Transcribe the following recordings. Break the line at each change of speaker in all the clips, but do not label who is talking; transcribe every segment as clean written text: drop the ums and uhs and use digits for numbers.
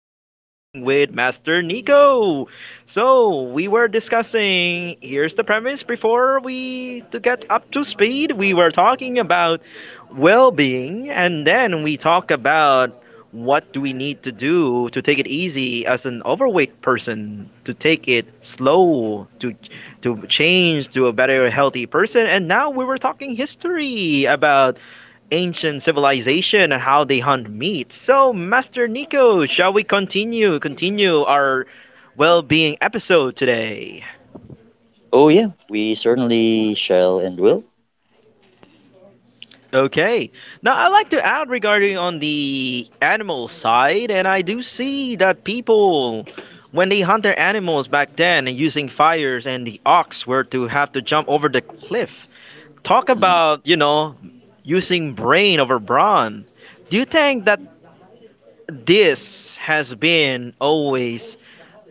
well-being with Master Nico. So we were discussing. Here's the premise. Before we to get up to speed, we were talking about well-being, and then we talk about what do we need to do to take it easy as an overweight person to take it slow to change to a better, healthy person. And now we were talking history about ancient civilization and how they hunt meat. So, Master Nico, shall we continue our well-being episode today?
Oh, yeah, we certainly shall and will.
Okay. Now, I'd like to add regarding on the animal side, and I do see that people when they hunt their animals back then and using fires and the ox were to have to jump over the cliff talk
Mm.
about using brain over brawn, do you think that this has been always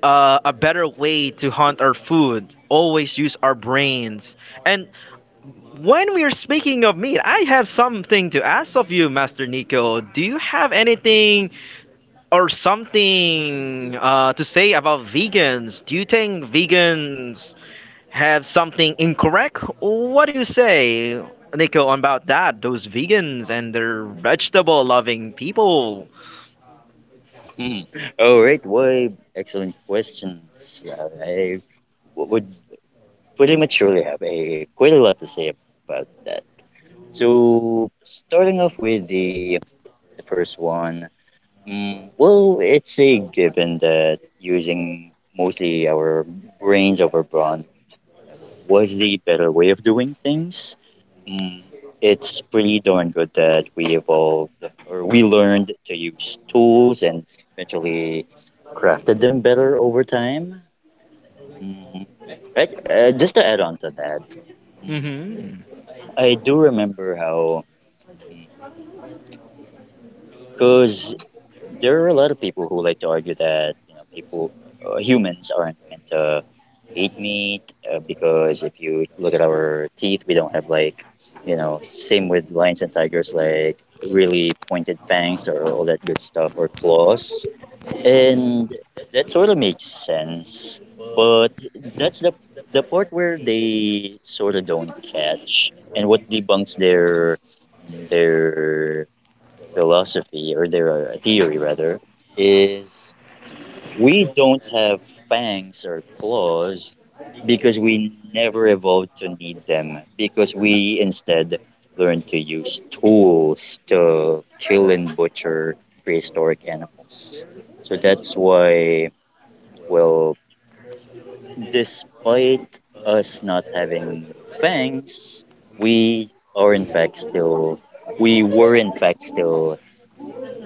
a better way to hunt our food, always use our brains? And when we're speaking of meat, I have something to ask of you, Master Nico. Do you have anything or something to say about vegans? Do you think vegans have something incorrect? What do you say, Nico, about that? Those vegans and their vegetable loving people.
Mhm. All right. Why? Excellent questions. I would pretty much surely have a quite a lot to say about that. So, starting off with the first one, well, it's a given that using mostly our brains over brawn was the better way of doing things. Mm, it's pretty darn good that we evolved or we learned to use tools and eventually crafted them better over time. Mm, just to add on to that, mm,
hmm
I do remember how, because there are a lot of people who like to argue that people humans aren't meant to eat meat. Because if you look at our teeth, we don't have, like, same with lions and tigers, like really pointed fangs or all that good stuff or claws, and that sort of makes sense. But that's the part where they sort of don't catch, and what debunks their philosophy, or their theory rather, is we don't have fangs or claws because we never evolved to need them, because we instead learned to use tools to kill and butcher prehistoric animals. So that's why, well, despite us not having fangs, we are in fact still we were in fact still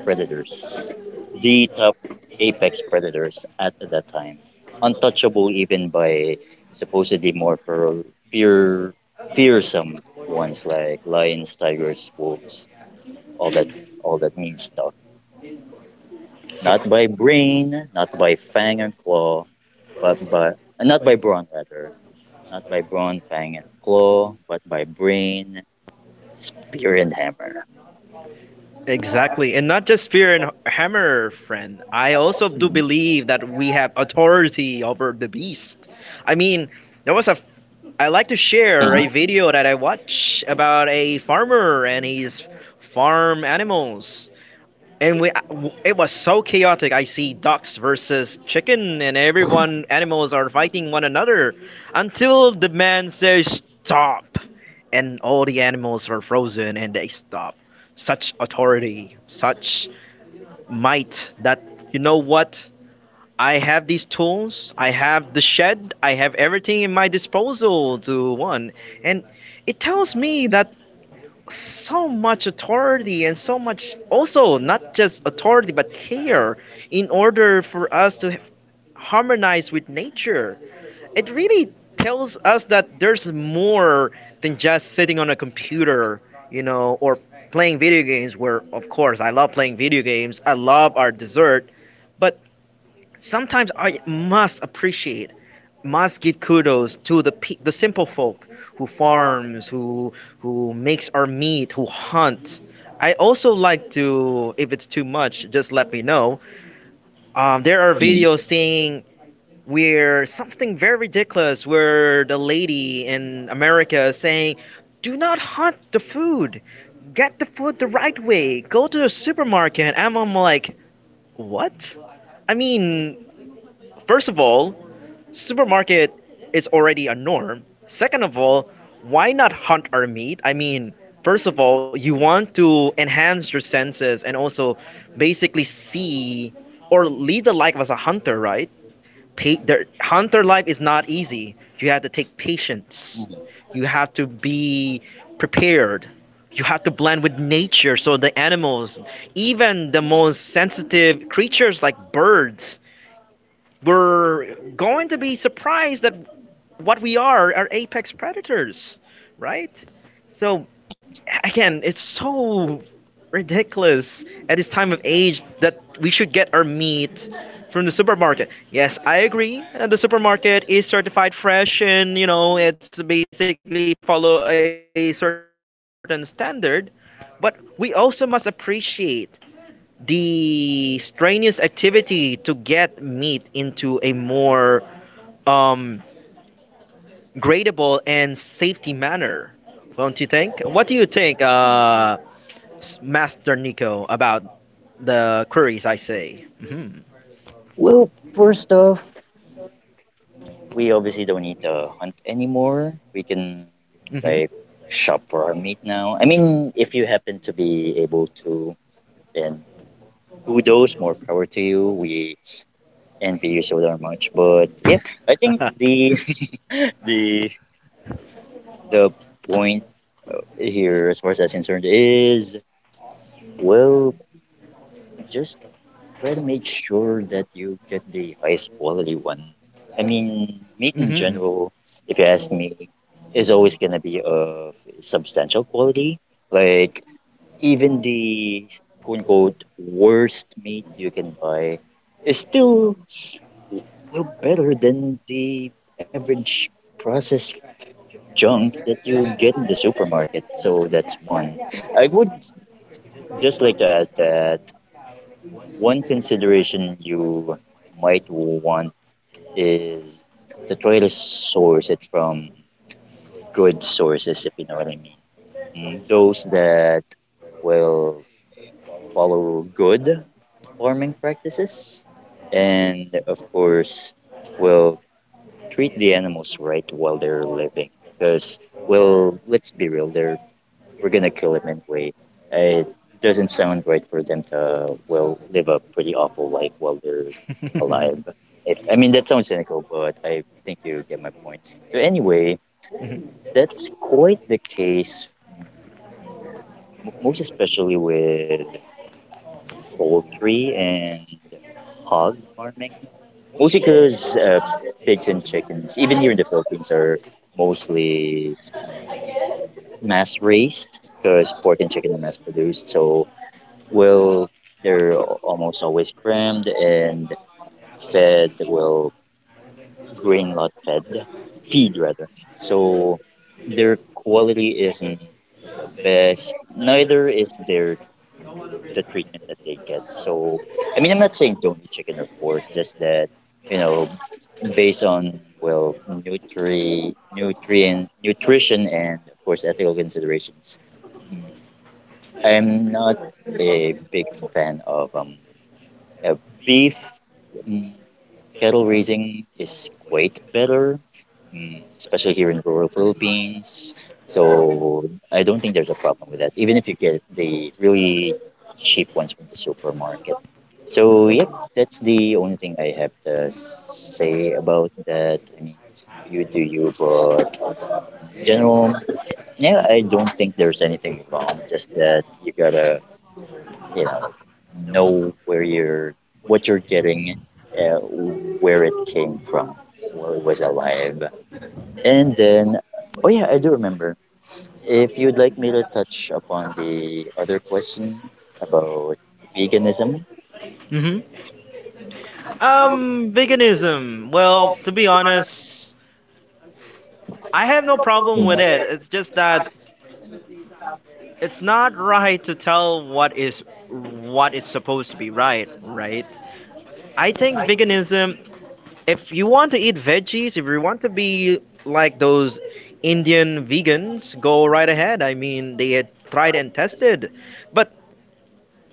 predators, the top apex predators at that time, untouchable even by supposedly more feral, fear, fearsome ones like lions, tigers, wolves, all that, all that mean stuff. Not by brain, not by fang and claw, but by, not by brawn rather, not by brawn, fang and claw, but by brain, spear and hammer.
Exactly. And not just spear and hammer, friend. I also do
Mm,
believe that we have authority over the beast. I mean, there was a. I like to share a
mm,
video that I watch about a farmer and his farm animals. And we, it was so chaotic. I see ducks versus chicken, and everyone animals are fighting one another until the man says stop, and all the animals were frozen and they stop. Such authority, such might that, you know what? I have these tools. I have the shed. I have everything in my disposal to one, and it tells me that so much authority and so much also not just authority but care in order for us to harmonize with nature. It really tells us that there's more than just sitting on a computer, you know, or playing video games. Where of course I love playing video games, I love our dessert, but sometimes I must appreciate, must give kudos to the the simple folk who farms, who makes our meat, who hunt. I also like to, if it's too much, just let me know. There are
mm,
videos saying where something very ridiculous, where the lady in America is saying, "Do not hunt the food. Get the food the right way. Go to the supermarket." And I'm like, what? I mean, first of all, supermarket is already a norm. Second of all, why not hunt our meat? I mean, first of all, you want to enhance your senses and also basically see or lead the life as a hunter, right? The hunter life is not easy. You have to take patience. You have to be prepared. You have to blend with nature, so the animals, even the most sensitive creatures like birds, were going to be surprised that what we are apex predators, right? So
mm.
again, it's so ridiculous at this time of age that we should get our meat from the supermarket. Yes, I agree. The supermarket is certified fresh and, you know, it's basically follow a certain standard, but we also must appreciate the strenuous activity to get meat into a more um gradable and safety manner. Don't you think? What do you think, Master Nico, about the queries I say?
Well, first off, we obviously don't need to hunt anymore. We can,
Hmm
like, shop for our meat now. I mean, if you happen to be able to, then kudos, more power to you. We envy you so darn much. But yeah, I think the the the point here, as far as that's concerned, is, well, just try to make sure that you get the highest quality one. I mean, meat in
hmm
general, if you ask me, is always gonna be of substantial quality. Like, even the quote unquote worst meat you can buy is still, well, better than the average processed junk that you get in the supermarket. So that's one. I would just like to add that one consideration you might want is to try to source it from good sources, if you know what I mean. Those that will follow good farming practices and, of course, will treat the animals right while they're living. Because, well, let's be real, they're we're gonna kill him anyway. Uh, It doesn't sound right for them to, well, live a pretty awful life while they're alive. I mean, that sounds cynical, but I think you get my point. So anyway, that's quite the case, most especially with poultry and hog farming. Mostly because pigs and chickens, even here in the Philippines, are mostly mass raised because pork and chicken are mass produced. So, well, they're almost always crammed and fed, well, grain lot fed, feed rather. So their quality isn't the best. Neither is the treatment that they get. So I mean, I'm not saying don't eat chicken or pork, just that, you know, based on, well, nutrition and, of course, ethical considerations. mm, I'm not a big fan of Uh, beef. Mm, cattle raising is quite better, especially here in rural Philippines. So I don't think there's a problem with that, even if you get the really cheap ones from the supermarket. So yeah, that's the only thing I have to say about that. I mean, you do you, but in general, yeah, I don't think there's anything wrong. Just that you gotta, you know, know where you're, what you're getting, uh, where it came from, where it was alive. And then, oh yeah, I do remember, if you'd like me to touch upon the other question about veganism.
hmm Veganism. Well, to be honest, I have no problem
Mm.
with it. It's just that it's not right to tell what is supposed to be right, right? I think veganism, if you want to eat veggies, if you want to be like those Indian vegans, go right ahead. I mean, they had tried and tested. But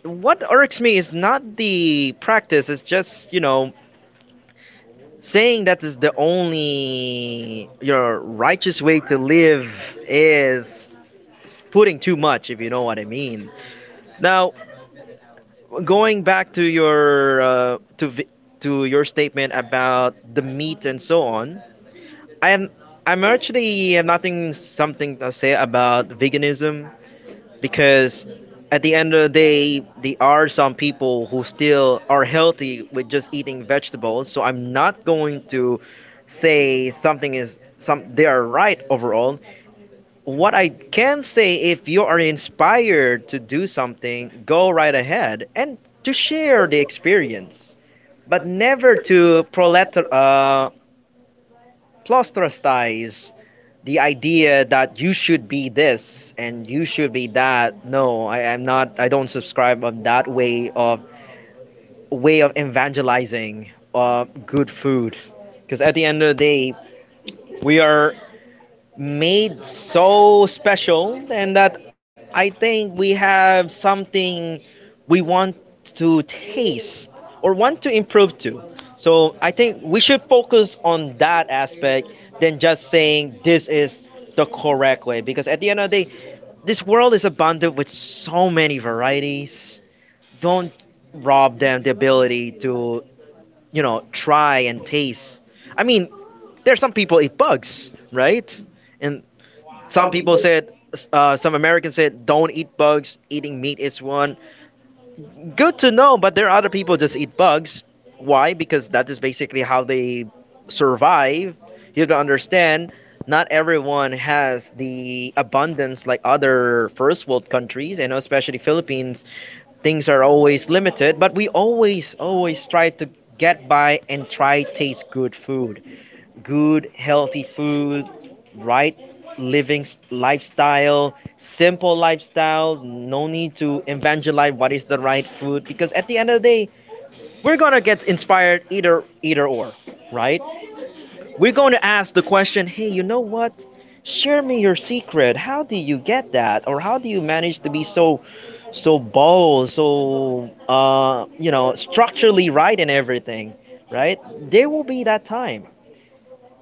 what irks me is not the practice, it's just, you know, saying that is the only your righteous way to live is putting too much, if you know what I mean. Now, going back to your to your statement about the meat and so on, I'm I'm actually have nothing something to say about veganism because at the end of the day there are some people who still are healthy with just eating vegetables, so I'm not going to say something is some they are right overall. What I can say, if you are inspired to do something, go right ahead and to share the experience, but never to proselytize the idea that you should be this and you should be that. No, I am not, I don't subscribe on that way of evangelizing good food, because at the end of the day we are made so special and that I think we have something we want to taste or want to improve to. So I think we should focus on that aspect than just saying this is the correct way, because at the end of the day this world is abundant with so many varieties. Don't rob them the ability to, you know, try and taste. I mean, there's some people eat bugs, right? And
Mm.
some people said, some Americans said, don't eat bugs, eating meat is one. Good to know, but there are other people just eat bugs. Why? Because that is basically how they survive. You have to understand, not everyone has the abundance like other first world countries, and especially Philippines. Things are always limited, but we always, always try to get by and try taste good food, good healthy food, right living lifestyle, simple lifestyle, no need to evangelize what is the right food, because at the end of the day, we're going to get inspired either either or, right? We're going to ask the question, "Hey, you know what? Share me your secret. How do you get that? Or how do you manage to be so so bold, so you know, structurally right in everything?" Right? There will be that time.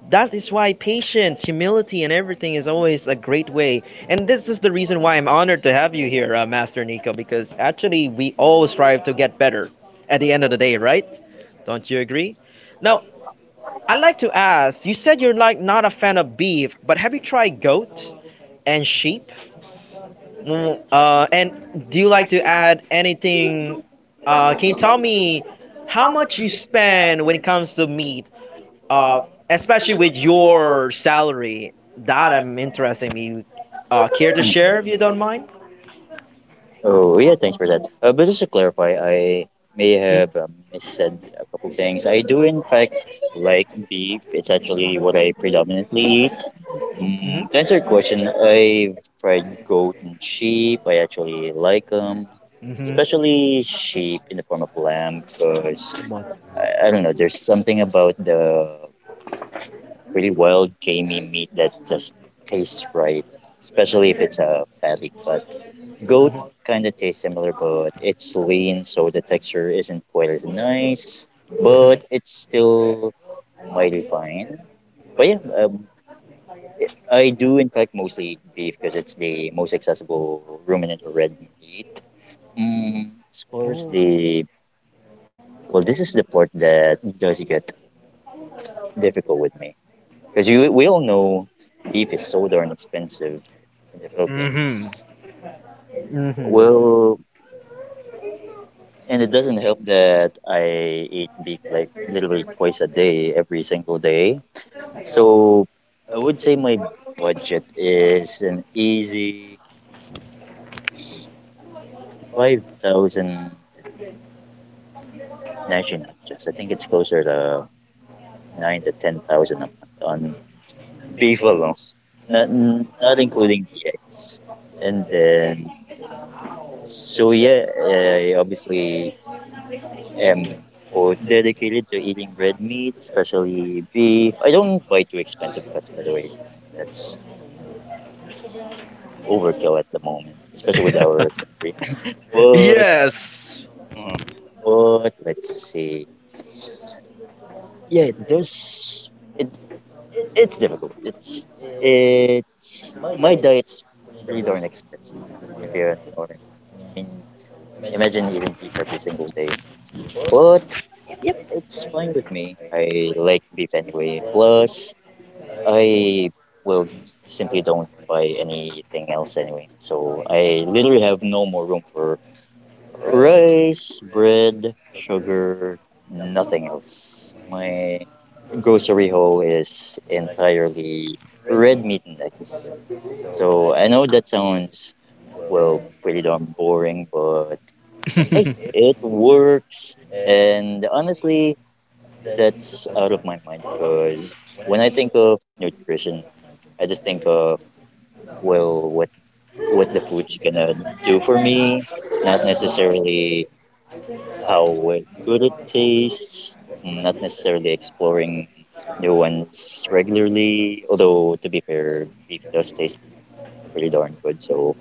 That is why patience, humility, and everything is always a great way. And this is the reason why I'm honored to have you here, Master Nico, because actually we all strive to get better at the end of the day, right? Don't you agree? Now, I'd like to ask, you said you're like not a fan of beef, but have you tried goat and sheep? And do you like to add anything? Can you tell me how much you spend when it comes to meat? Uh, Especially with your salary, that I'm interested in. You care to
Mm.
share if you don't mind?
Oh, yeah, thanks for that. But just to clarify, I may have, said a couple things. I do, in fact, like beef. It's actually what I predominantly eat. To
Mm-hmm.
answer your question, I've tried goat and sheep. I actually like them,
Mm-hmm.
especially sheep in the form of lamb, because
What?
I don't know, there's something about the really wild, gamey meat that just tastes right, especially if it's a fatty cut. Goat kind of tastes similar, but it's lean, so the texture isn't quite as nice,
Mm-hmm.
but it's still mighty fine. But yeah, I do in fact mostly eat beef because it's the most accessible ruminant or red meat. Mm, as far as
Oh.
the Well, this is the part that does get difficult with me, because you we all know beef is so darn expensive in the
Mm-hmm.
Philippines. Well, and it doesn't help that I eat beef like literally twice a day, every single day. So I would say my budget is an easy 5,000, actually not just, I think it's closer to 9 to 10,000 a month on beef alone, not including the eggs. And then, so yeah, I obviously, um, food dedicated to eating red meat, especially beef. I don't buy too expensive cuts, by the way. That's overkill at the moment, especially with
Mm-hmm.
our salary. But,
Yes.
uh, but let's see. Yeah, there's it. It's difficult. It's my diet's pretty darn expensive, if you know what I mean. I mean, imagine eating beef every single day. But yep, it's fine with me. I like beef anyway. Plus, I will simply don't buy anything else anyway. So I literally have no more room for rice, bread, sugar, nothing else. My grocery haul is entirely red meat and eggs. So I know that sounds, well, pretty darn boring, but hey, it works. And honestly, that's out of my mind, because when I think of nutrition, I just think of, well, what the food's gonna do for me, not necessarily how good it tastes, not necessarily exploring new ones regularly, although, to be fair, beef does taste pretty darn good, so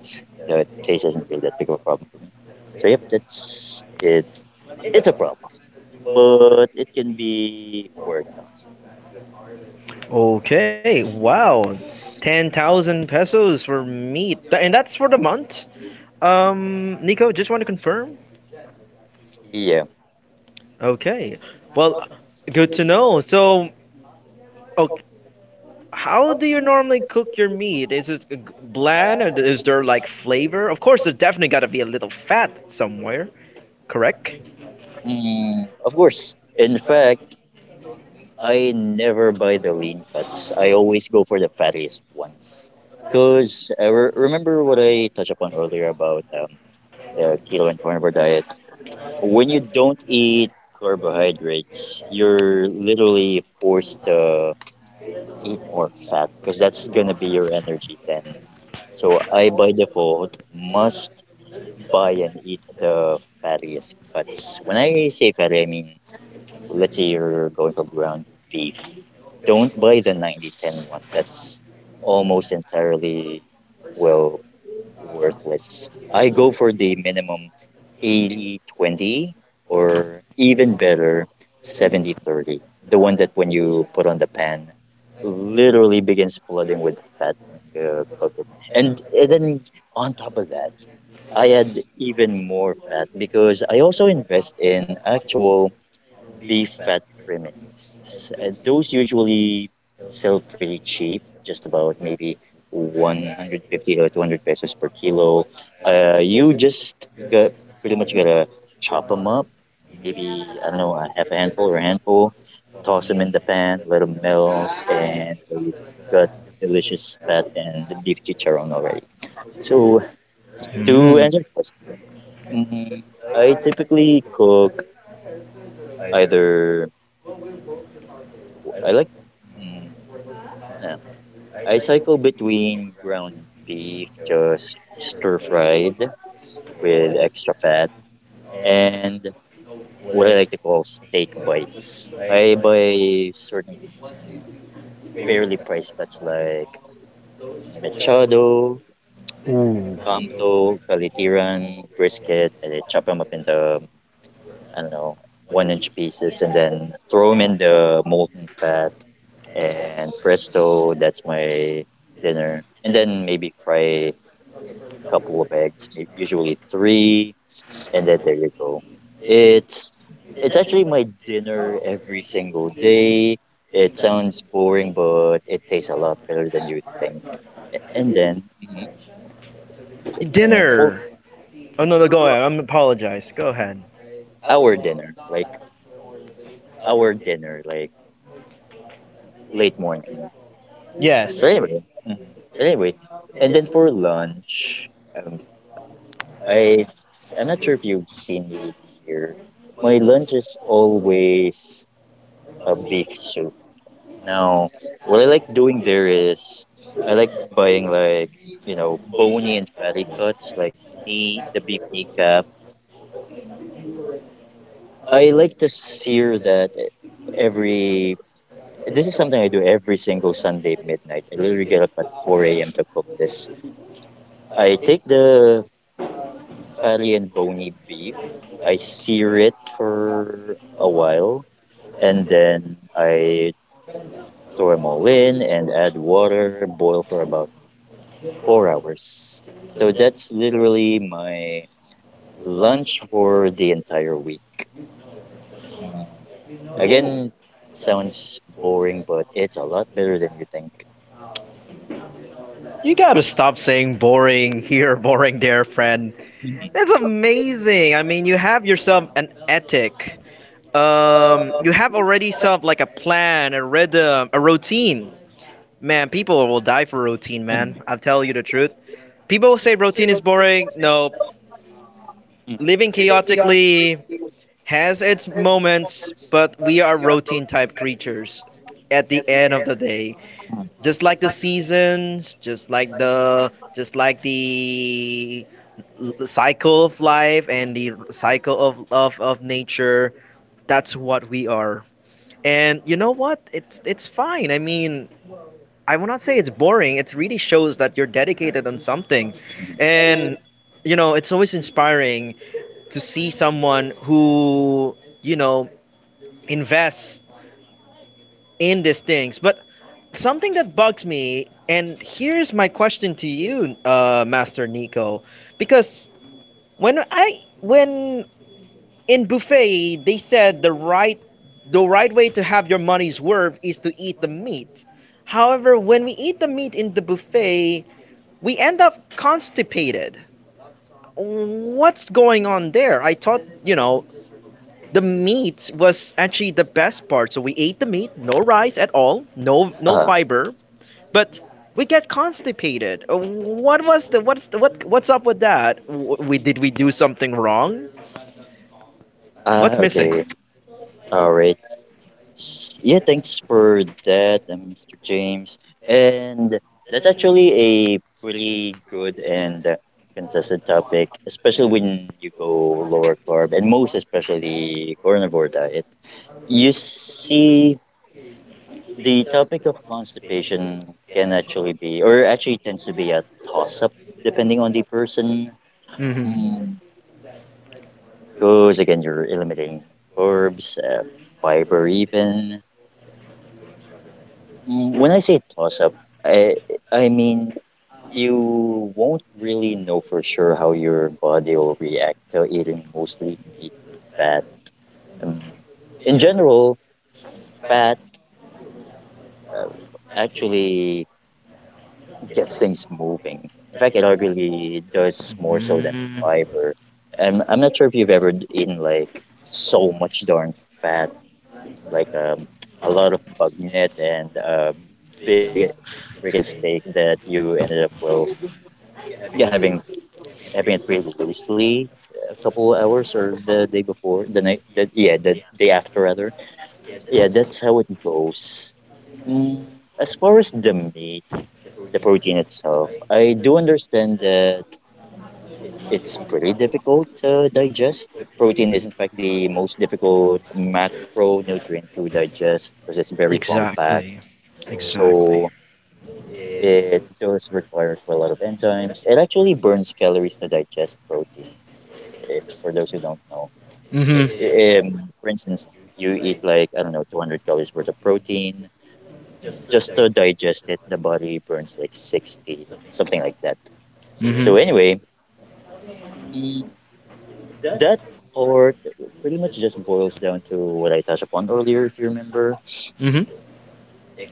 the taste isn't really that big of a problem for me. So yep, that's it. It's a problem, but it can be worked on.
Okay, wow. 10,000 pesos for me. And that's for the month? Nico, just want to confirm?
Yeah.
Okay. Well, good to know. So, oh, how do you normally cook your meat? Is it bland or is there like flavor? Of course, there definitely gotta be a little fat somewhere, correct?
Of course, in fact, I never buy the lean cuts. I always go for the fattiest ones. Because remember what I touched upon earlier about, the keto and carnivore diet? When you don't eat carbohydrates, you're literally forced to eat more fat, because that's going to be your energy then. So I, by default, must buy and eat the fattiest cuts. When I say fatty, I mean, let's say you're going for ground beef, don't buy the ninety ten one. That's almost entirely, well, worthless. I go for the minimum 80/20, or even better, 70/30. The one that, when you put on the pan, literally begins flooding with fat when you cook it. And then, on top of that, I add even more fat, because I also invest in actual beef fat trimmings. Those usually sell pretty cheap, just about maybe 150 to 200 pesos per kilo. You just got pretty much gotta chop them up. Maybe, I don't know, a half a handful or a handful. Toss them in the pan, let them melt, and you got delicious fat and the beef chicharron already. So to
Mm.
answer your question, mm, I typically cook, either I like. Mm, yeah. I cycle between ground beef, just stir fried with extra fat, and what I like to call steak bites. I buy certain, mm, fairly priced cuts like machado,
Ooh.
camto, calitiran, brisket, and I chop them up into, I don't know, 1 inch pieces and then throw them in the molten fat, and presto, that's my dinner. And then maybe fry couple of eggs, usually three, and then there you go. It's it's actually my dinner every single day. It sounds boring, but it tastes a lot better than you think. And then, mhm, for
Dinner. Oh no, no, go ahead. I'm apologize. Go ahead.
our dinner, like our dinner, like late morning.
Yes.
But anyway, mhm. but anyway, and then for lunch, um, I I'm not sure if you've seen me eat here. My lunch is always a beef soup. Now, what I like doing there is I like buying, like, bony and fatty cuts like, knee the beef kneecap. I like to sear that every. This is something I do every single Sunday at midnight. I literally get up at four a.m. to cook this. I take the fatty and bony beef. I sear it for a while, and then I throw them all in and add water, boil for about 4 hours. So that's literally my lunch for the entire week. Mm, Again sounds boring, but it's a lot better than you think.
You gotta stop saying boring here, boring there, friend.
Mhm,
That's amazing. I mean, you have yourself an ethic. You have already some like a plan, a rhythm, a routine. Man, people will die for routine,
mhm,
man. I'll tell you the truth. People say routine is boring. No,
mhm,
living chaotically has its moments, but we are routine type creatures at the end of the day. Just like the seasons, just like the cycle of life and the cycle of nature, that's what we are. And you know what? It's fine. I mean, I will not say it's boring. It really shows that you're dedicated on something.
mhm.
And you know, it's always inspiring to see someone who, you know, invests in these things. But something that bugs me, and here's my question to you, Master Nico, because when I when in buffet they said the right way to have your money's worth is to eat the meat. However, when we eat the meat in the buffet, we end up constipated. What's going on there? I thought, you know, the meat was actually the best part. So we ate the meat, no rice at all, no no
Uh,
fiber, but we get constipated. What was the what's the, what what's up with that? We did we do something wrong?
uh,
What's
okay.
missing?
All right. Yeah, thanks for that, Mr. James. And that's actually a pretty good and contested topic, especially when you go lower carb and most especially carnivore diet. You see, the topic of constipation can actually be, or actually tends to be a toss up depending on the person.
Mhm.
Mm. Because again, you're eliminating carbs, fiber, even. When I say toss up, I, I mean, you won't really know for sure how your body will react to eating mostly meat, and fat. Um, in general, fat uh, actually gets things moving. In fact, it arguably does more so than
Mm,
fiber. And I'm not sure if you've ever eaten like so much darn fat, like a lot of bug net and a big freaking steak that you ended up, well, yeah, having it pretty loosely a couple hours or the day before the night the, yeah the day after, rather. Yeah, that's how it goes. Mm, as far as the meat, the protein itself, I do understand that it's pretty difficult to digest. Protein is, in fact, the most difficult macronutrient to digest because it's very compact.
exactly.
So
Exactly.
mm, it does require quite a lot of enzymes. It actually burns calories to digest protein. If, for those who don't know,
Mhm.
for instance, you eat like, I don't know, 200 calories worth of protein. Just to digest it, the body burns like 60, something like that.
Mhm.
So, anyway, that or pretty much just boils down to what I touched upon earlier, if you remember
Mhm.
mm,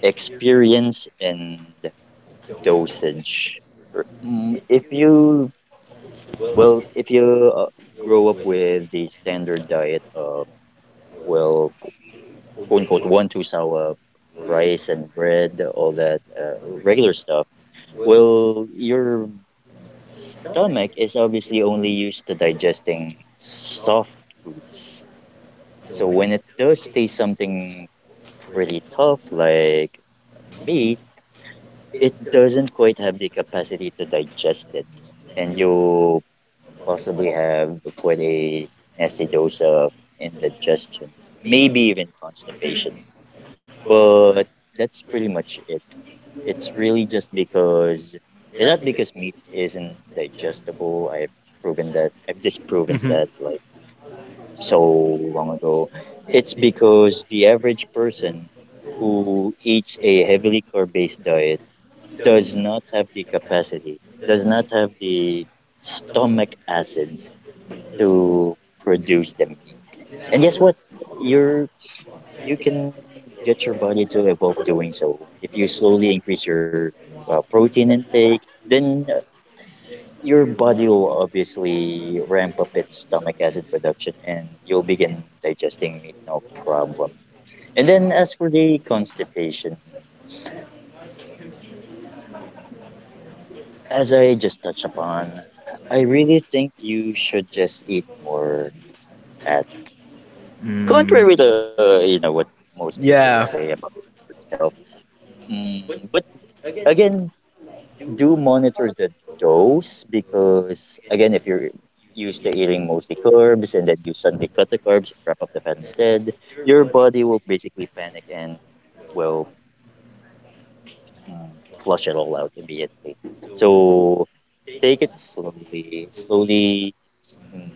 experience and dosage. R- mm, If you, if you grow up with the standard diet of, well, quote unquote, one, two sour, rice and bread, all that regular stuff, well, your stomach is obviously only used to digesting soft foods. So when it does taste something pretty tough like meat, it doesn't quite have the capacity to digest it, and you possibly have quite a nasty dose of indigestion, maybe even constipation. But that's pretty much it. It's really just because it's not because meat isn't digestible. I've proven that. I've disproven that. Like so long ago. It's because the average person who eats a heavily carb based diet does not have the capacity, does not have the stomach acids to produce them. And guess what? You're you can get your body to evolve doing so. If you slowly increase your protein intake, then your body will obviously ramp up its stomach acid production and you'll begin digesting meat no problem. And then as for the constipation, as I just touched upon, I really think you should just eat more at,
Mm,
contrary to, you know, what most people
Yeah.
say about health. But again, do monitor the dose because again, if you're used to eating mostly carbs and then you suddenly cut the carbs, wrap up the fat instead, your body will basically panic and will mm, flush it all out immediately. So take it slowly, slowly, mm,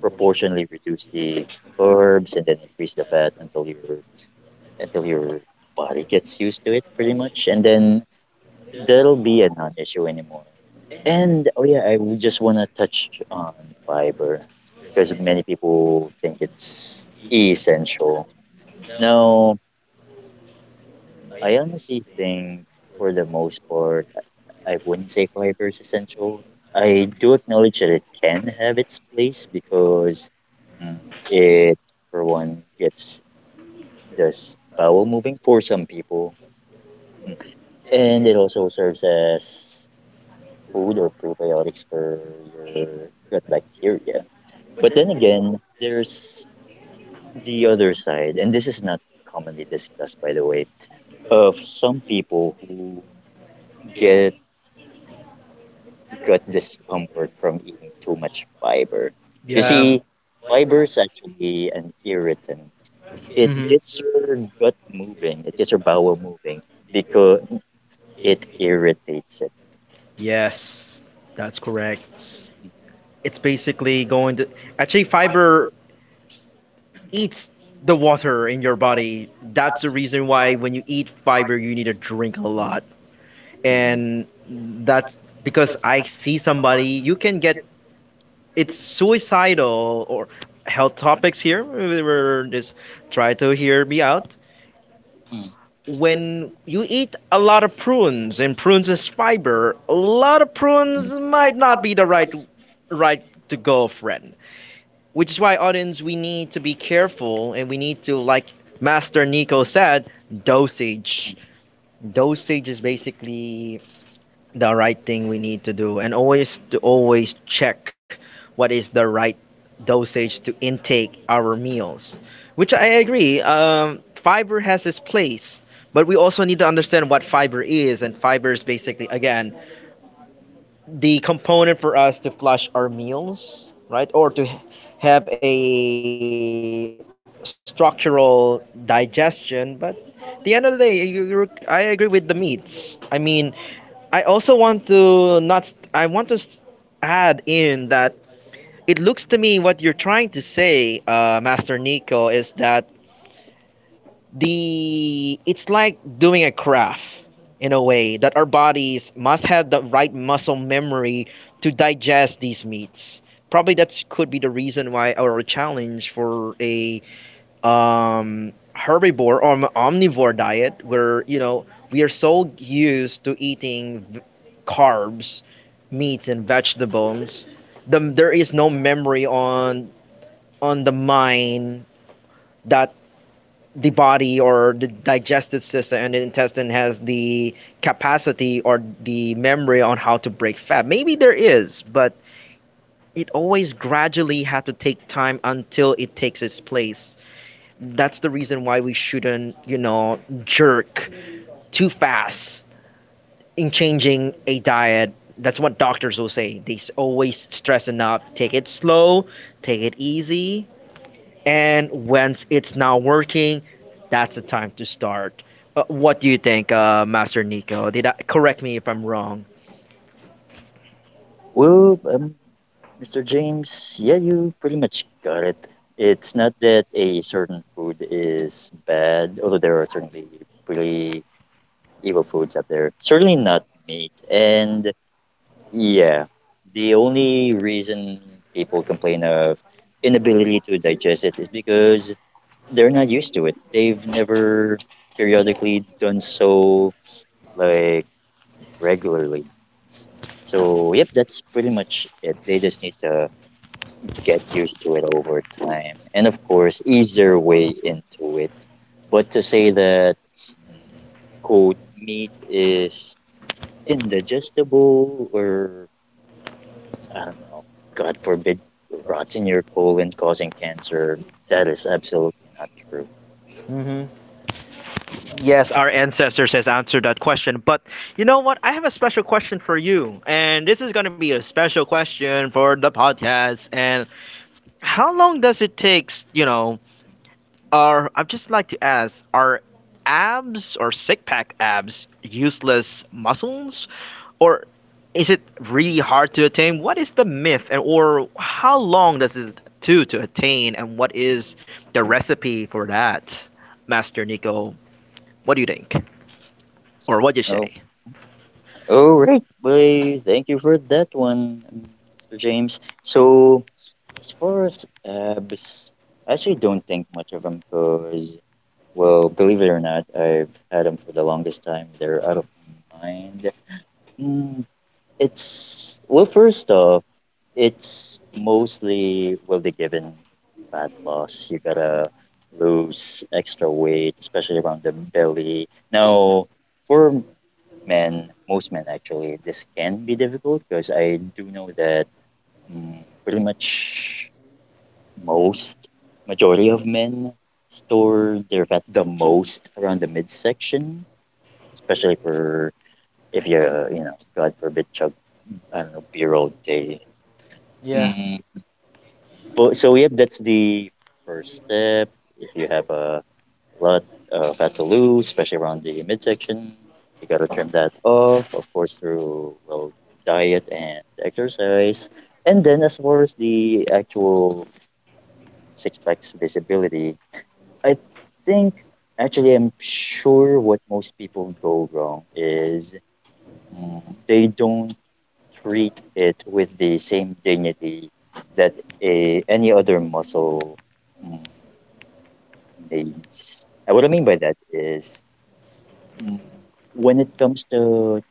proportionally reduce the carbs and then increase the fat until your body gets used to it pretty much, and then that'll be a non-issue anymore. And oh yeah, I would just want to touch on fiber because many people think it's essential. Now, I honestly think for the most part, I wouldn't say fiber is essential. I do acknowledge that it can have its place because mm, it, for one, gets this bowel moving for some people, Mm. and it also serves as food or probiotics for your gut bacteria. But then again, there's the other side, and this is not commonly discussed, by the way, of some people who get gut discomfort from eating too much fiber. You
Yeah.
see, fiber is actually an irritant. It
Mhm.
gets your gut moving, it gets your bowel moving because it irritates it.
Yes, that's correct. It's basically going to actually fiber eats the water in your body. That's the reason why when you eat fiber, you need to drink a lot.
Mhm,
And that's because I see somebody, you can get it's suicidal or health topics here. We were just try to hear me out.
mhm,
When you eat a lot of prunes and prunes is fiber, a lot of
mhm,
prunes might not be the right to go, friend. Which is why, audience, we need to be careful and we need to, like Master Nico said, dosage.
mhm.
Dosage is basically the right thing we need to do, and always check what is the right dosage to intake our meals. Which I agree, fiber has its place, but we also need to understand what fiber is, and fiber is basically, again, the component for us to flush our meals, right? Or have a structural digestion. But at the end of the day, you, I agree with the meats. I mean, I also want to not, I want to s- add in that it looks to me what you're trying to say, Master Nico, is that the it's like doing a craft in a way that our bodies must have the right muscle memory to digest these meats probably that could be the reason why our challenge for a herbivore or an omnivore diet where you know we are so used to eating carbs, meats, and vegetables. There is no memory on the mind that the body or the digestive system and the intestine has the capacity or the memory on how to break fat. Maybe there is, but it always gradually had to take time until it takes its place. That's the reason why we shouldn't, you know, jerk too fast in changing a diet. That's what doctors will say. Always stress enough. Take it slow, take it easy, and once it's not working, that's the time to start. What do you think, Master Nico? Did I Correct me if I'm wrong?
Well, um, Mr. James, yeah, you pretty much got it. It's not that a certain food is bad, although there are certainly pretty evil foods out there. Certainly not meat. And yeah, the only reason people complain of inability to digest it is because they're not used to it. They've never periodically done so, like regularly. So, yep, that's pretty much it. They just need to get used to it over time. And of course, ease their way into it. But to say that, mm, quote, meat is indigestible or, I don't know, God forbid, rots in your colon causing cancer, that is absolutely not true.
Hmm. Yes, our ancestors has answered that question. But you know what? I have a special question for you, and this is gonna be a special question for the podcast. And how long does it takes? You know, are I'd just like to ask: are abs or six pack abs useless muscles, or is it really hard to attain? What is the myth, and or how long does it do to attain, and what is the recipe for that, Master Nico? What do you think, or what do you
Oh,
say?
all right, boy, thank you for that one, Mr. James. So, as far as abs, I actually don't think much of them because, well, believe it or not, I've had them for the longest time. They're out of my mind. Mm, First off, it's mostly, well, the given fat loss. You gotta lose extra weight, especially around the belly. Now, for men, most men actually, this can be difficult because I do know that mm, pretty much most majority of men store their fat the most around the midsection, especially for if you're, you know, God forbid, chug, I don't know, beer all day.
Yeah,
Mm, but So yep, that's the first step. If you have a lot of fat to lose, especially around the midsection, you gotta trim that off, of course, through, well, diet and exercise. And then as far as the actual six packs visibility, I think actually I'm sure what most people go wrong is mm, they don't treat it with the same dignity that any other muscle mm, needs. And what I mean by that is mm, when it comes to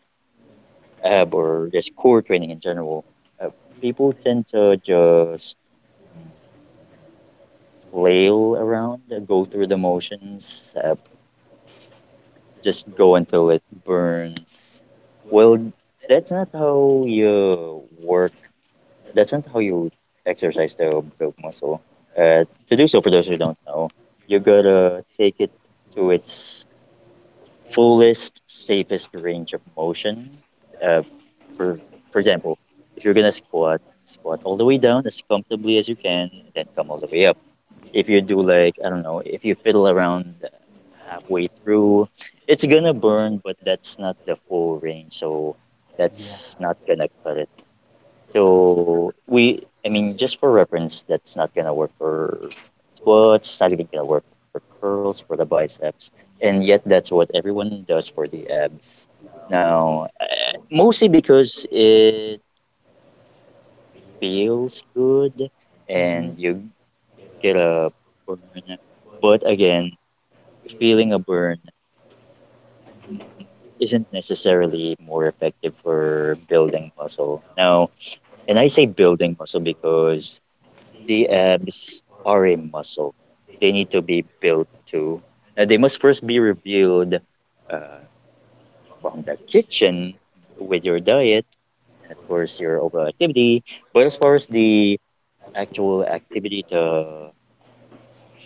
ab or just core training in general, uh, people tend to just mm, flail around, go through the motions, just go until it burns. Well, that's not how you work. That's not how you exercise the broke muscle. To do so, for those who don't know, you gotta take it to its fullest, safest range of motion. Uh, for for example, if you're gonna squat, squat all the way down as comfortably as you can, and then come all the way up. If you do, like, I don't know, if you fiddle around halfway through, it's gonna burn, but that's not the full range, so
yeah.
that's not gonna cut it. I mean, just for reference, that's not gonna work for squats, it's not even gonna work for curls for the biceps, and yet that's what everyone does for the abs. Now, mostly because it feels good and
Hmm.
you get a burn, but again, feeling a burn isn't necessarily more effective for building muscle. Now, and I say building muscle because the abs are a muscle. They need to be built too. Now, they must first be revealed uh, from the kitchen with your diet and, of course, your overall activity. But as far as the actual activity to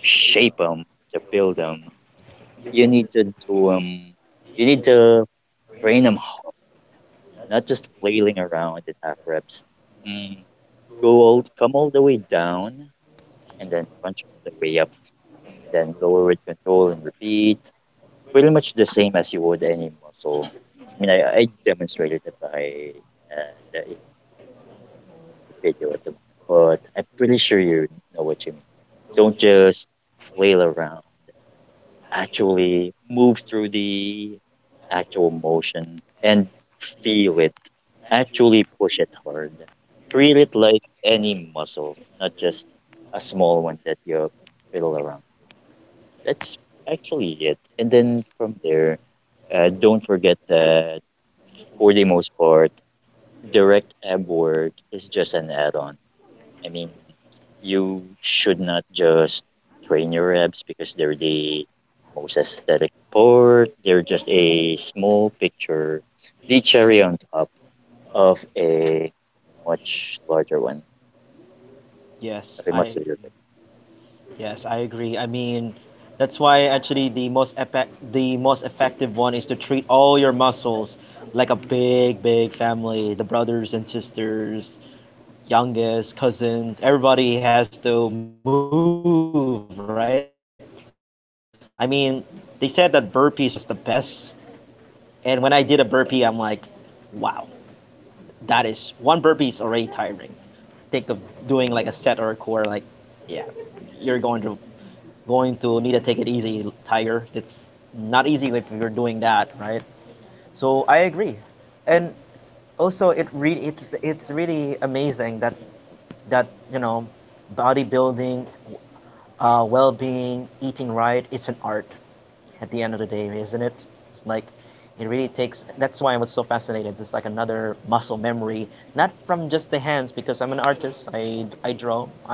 shape them, to build them, you need to do 'em- you need to train them, not just flailing around in half reps. Mm. Go all, come all the way down and then punch all the way up and then lower with control and repeat. Pretty much the same as you would any muscle. I mean, I demonstrated that by had the in the video at the moment, but I'm pretty sure you know what you mean. Don't just flail around. Actually move through the actual motion and feel it. Actually push it hard. Treat it like any muscle, not just a small one that you fiddle around. That's actually it. And then from there, don't forget that for the most part, direct ab work is just an add on. I mean, you should not just train your abs because they're the most aesthetic part. They're just a small picture, the cherry on top of a much larger
Yes,
of a much
I
larger picture.
yes, I agree. I mean, that's why actually the most effective one is to treat all your muscles like a big family, the brothers and sisters, youngest cousins, everybody has to move, right? I mean, they said that burpees was the best, and when I did a burpee, I'm like, wow, that is one burpee is already tiring. Think of doing like a set or a core, like, yeah, you're going to need to take it easy, tiger. It's not easy if you're doing that, right? So I agree, and also it's really amazing that you know bodybuilding, well-being, eating right, it's an art at the end of the day, isn't it? It's like it really takes. That's why I was so fascinated. It's like another muscle memory, not from just the hands because I'm an artist.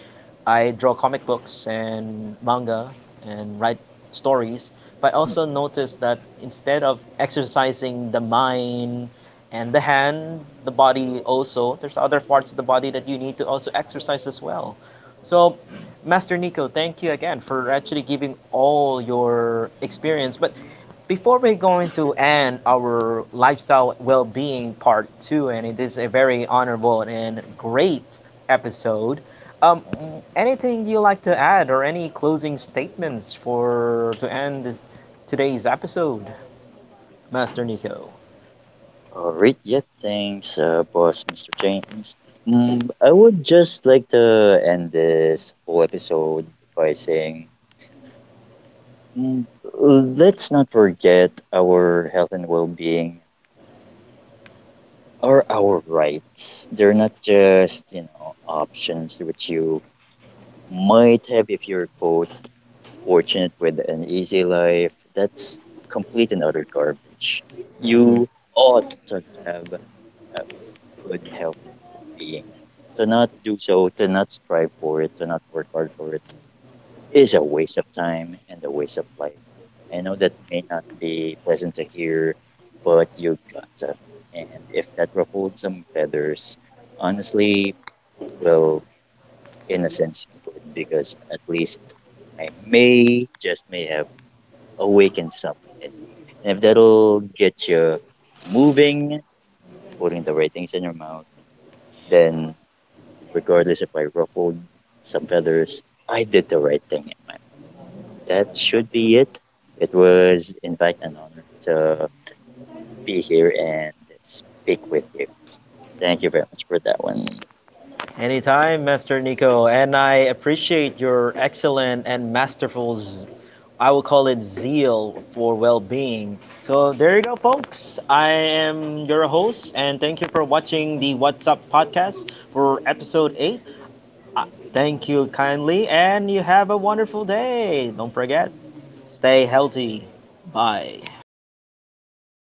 I draw comic books and manga and write stories, but I also
Mm.
noticed that instead of exercising the mind and the hand, the body also, there's other parts of the body that you need to also exercise as well. So, Master Nico, thank you again for actually giving all your experience. But before we go into and our lifestyle well-being part two, and it is a very honorable and great episode, um, anything you like to add, or any closing statements for to end today's episode, Master Nico?
All right, yep, thanks, boss, Mr. James. I would just like to end this whole episode by saying, mm, let's not forget our health and well-being are our rights. They're not just, you know, options which you might have if you're, quote, fortunate with an easy life. That's complete and utter garbage.
Mm-hmm.
You ought to have a good health and well being. To not do so, to not strive for it, to not work hard for it, is a waste of time and a waste of life. I know that may not be pleasant to hear, but you gotta. And if that ruffled some feathers, honestly, well, in a sense, good, because at least just may have awakened something in you. And if that'll get you moving, putting the right things in your mouth, then regardless if I ruffled some feathers, I did the right thing in my, that should be it. It was invite and honor to be here and speak with you. Thank you very much for that one.
Anytime, Master Nico, and I appreciate your excellent and masterful, I will call it zeal for well being. So, there you go, folks. I am your host, and thank you for watching the What's Up podcast for episode 8. Uh, Thank you kindly, and you have a wonderful day. Don't forget, stay healthy. Bye.